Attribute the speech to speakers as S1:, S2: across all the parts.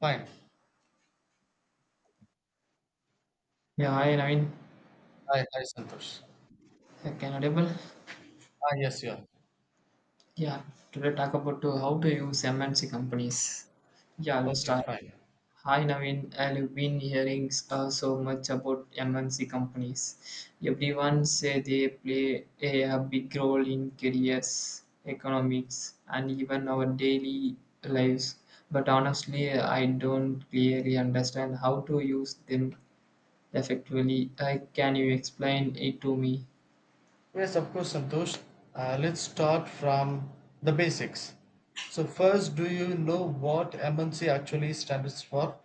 S1: Fine.
S2: Yeah, hi Naveen.
S1: Hi, hi, Santosh.
S2: Can audible?
S1: Yes, yeah.
S2: Yeah, Today talk about to how to use MNC companies. Yeah, let's
S1: Okay,
S2: start.
S1: fine.
S2: Hi Naveen, I've been hearing so much about MNC companies. Everyone say they play a big role in careers, economics, and even our daily lives. But honestly, I don't clearly understand how to use them effectively. Can you explain it to me?
S1: Yes, of course, Santosh. Let's start from the basics. So, first, do you know what MNC actually stands for?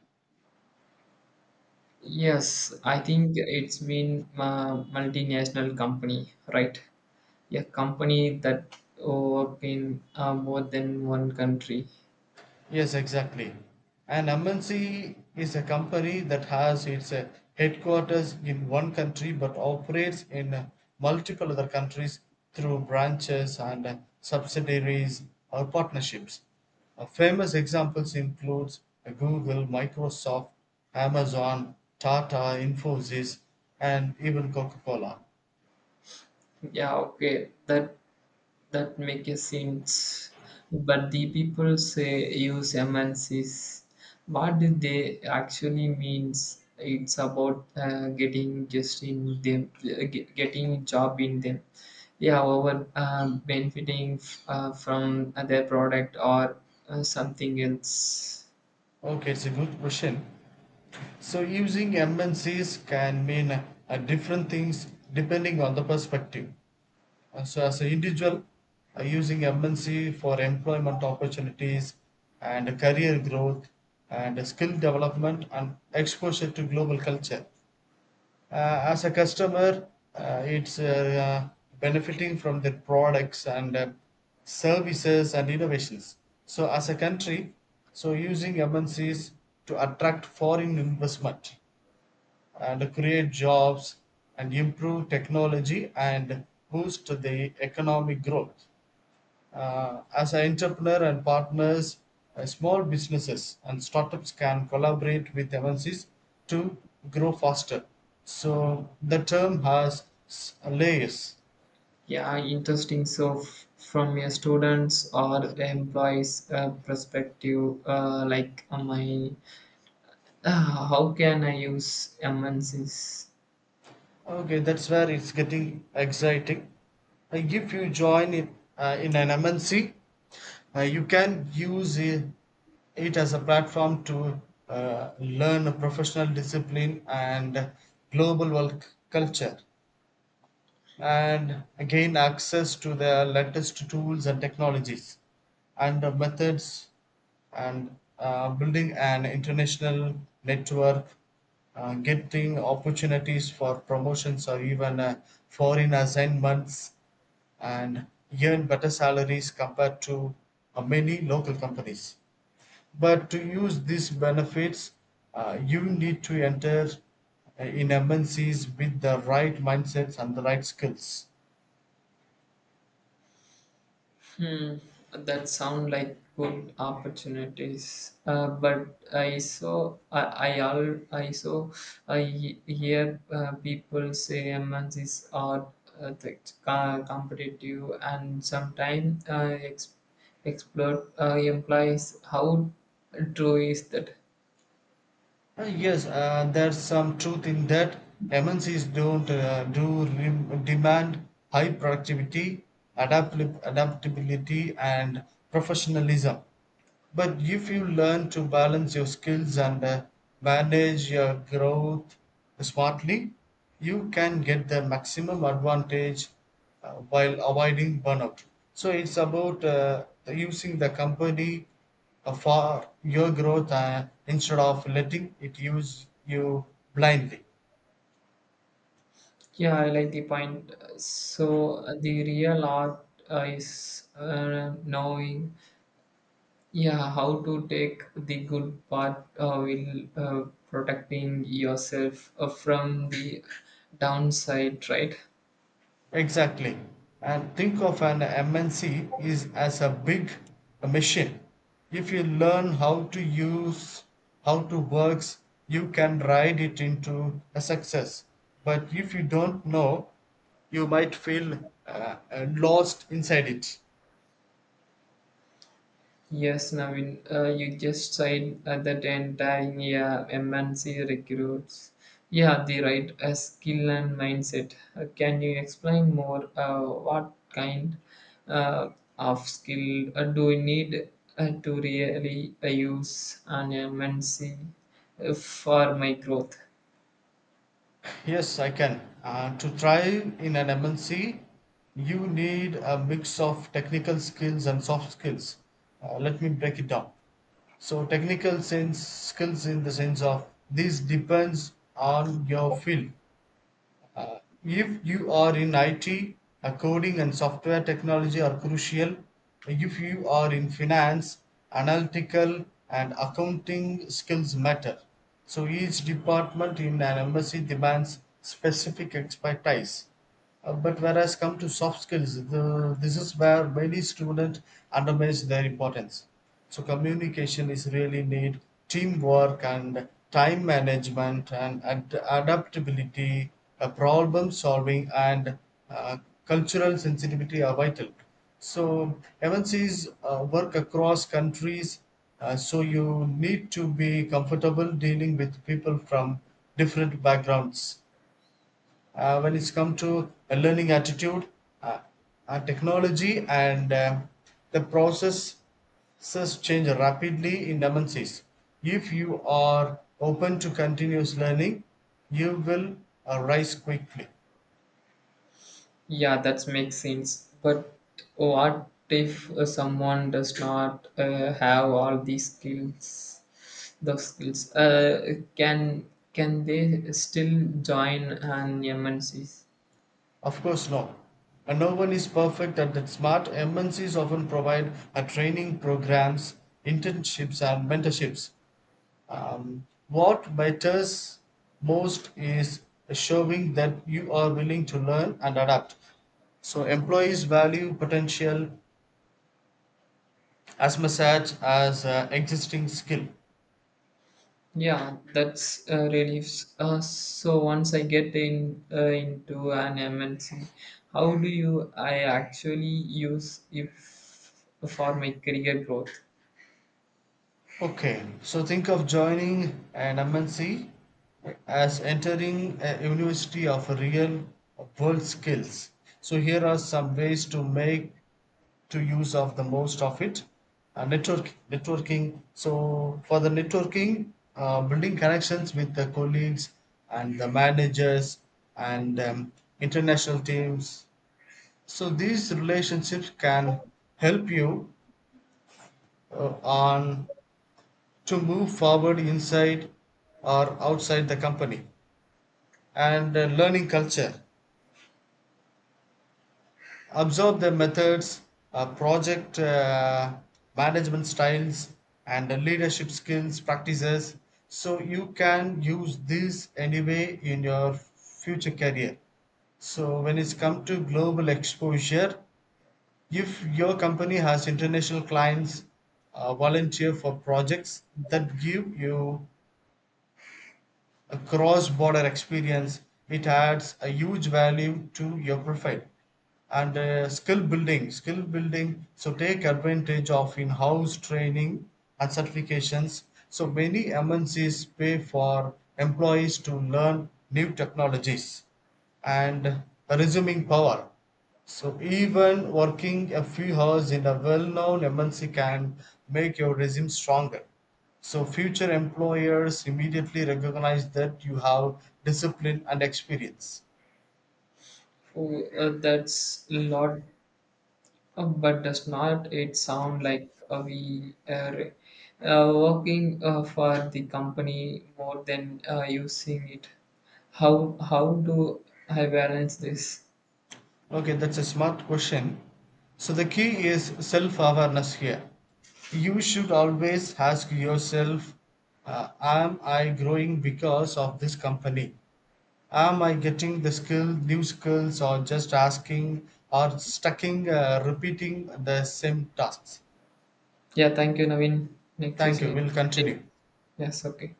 S2: Yes, I think it's been a multinational company, right? A company that work in more than one country.
S1: Yes, exactly. An MNC is a company that has its headquarters in one country but operates in multiple other countries through branches and subsidiaries or partnerships. Famous examples include Google, Microsoft, Amazon, Tata, Infosys, and even Coca-Cola.
S2: Yeah, okay, that makes sense. But the people say use MNCs. What do they actually means? It's about getting just in them, getting job in them. Yeah, over, benefiting from their product, or something else.
S1: Okay, it's a good question. So using MNCs can mean different things depending on the perspective. So as an individual, using MNC for employment opportunities and career growth and skill development and exposure to global culture. As a customer, it's benefiting from their products and services and innovations. So as a country, so using MNCs to attract foreign investment and create jobs and improve technology and boost the economic growth. As an entrepreneur and partners, small businesses and startups can collaborate with MNCs to grow faster. So the term has layers.
S2: Yeah, interesting. So, from your students or employees perspective, like my how can I use MNC's?
S1: Okay, that's where it's getting exciting. If you join it in an MNC, you can use it as a platform to learn a professional discipline and global work culture and gain access to the latest tools and technologies and methods and building an international network, getting opportunities for promotions or even foreign assignments and earn better salaries compared to many local companies, but to use these benefits you need to enter in mncs with the right mindsets and the right skills.
S2: Hmm, that sound like good opportunities. But I saw, hear people say MNCs are competitive and sometimes exploit implies, how true is that?
S1: Yes, there's some truth in that. MNCs don't demand high productivity, adapt- adaptability, and professionalism. But if you learn to balance your skills and manage your growth smartly, you can get the maximum advantage while avoiding burnout. So it's about using the company for your growth instead of letting it use you blindly.
S2: Yeah, I like the point. So, the real art is, knowing, yeah, how to take the good part, will, protecting yourself from the downside, right?
S1: Exactly. And think of an MNC is as a big machine. If you learn how to use how to works, you can ride it into a success. But if you don't know, you might feel lost inside it.
S2: Yes, Navin, you just said that entire, yeah, MNC recruits, yeah, the right skill and mindset. Can you explain more what kind uh, of skill do we need to really use an MNC for my growth?
S1: Yes, I can. To thrive in an MNC, you need a mix of technical skills and soft skills. Let me break it down. So, technical sense skills in the sense of this depends on your field if you are in IT, coding and software technology are crucial. If you are in finance, analytical and accounting skills matter. So each department in an embassy demands specific expertise. But whereas come to soft skills, the, this is where many students undermines their importance. So communication is really need teamwork and time management and adaptability, problem solving and uh, cultural sensitivity are vital. So MNCs work across countries, so you need to be comfortable dealing with people from different backgrounds when it's come to a learning attitude uh, technology and the processes change rapidly in dimensions. If you are open to continuous learning you will rise quickly.
S2: Yeah, that makes sense. But oh, what if someone does not have all these skills? Those skills, can they still join an MNC?
S1: Of course no, and no one is perfect at that. Smart mncs often provide a training programs, internships and mentorships. What matters most is showing that you are willing to learn and adapt. So, employees value potential as much as existing skill.
S2: Yeah, that's relieves. So once I get in into an MNC, how do you I actually use if for my career growth?
S1: Okay, so think of joining an MNC as entering a university of real world skills. So, here are some ways to make to use of the most of it. Networking. So for the networking, building connections with the colleagues and the managers and international teams. So these relationships can help you on to move forward inside or outside the company, and learning culture, observe their methods, project management styles, and the leadership skills practices. So you can use this anyway in your future career. So when it's come to global exposure, if your company has international clients, volunteer for projects that give you a cross border experience. It adds a huge value to your profile, and skill building, so take advantage of in-house training and certifications. So many mncs pay for employees to learn new technologies, and resuming power, so even working a few hours in a well-known mnc can make your resume stronger, so future employers immediately recognize that you have discipline and experience.
S2: Oh, that's a lot. But does not it sound like we are working for the company more than using it? How do I balance this?
S1: Okay, that's a smart question. So the key is self-awareness here. You should always ask yourself, am I growing because of this company? Am I getting the skill, new skills, or just asking or stucking, repeating the same tasks?
S2: Yeah, thank you, Naveen. Next
S1: Thank
S2: session
S1: you.
S2: is,
S1: We'll
S2: yeah.
S1: continue.
S2: Yes, okay.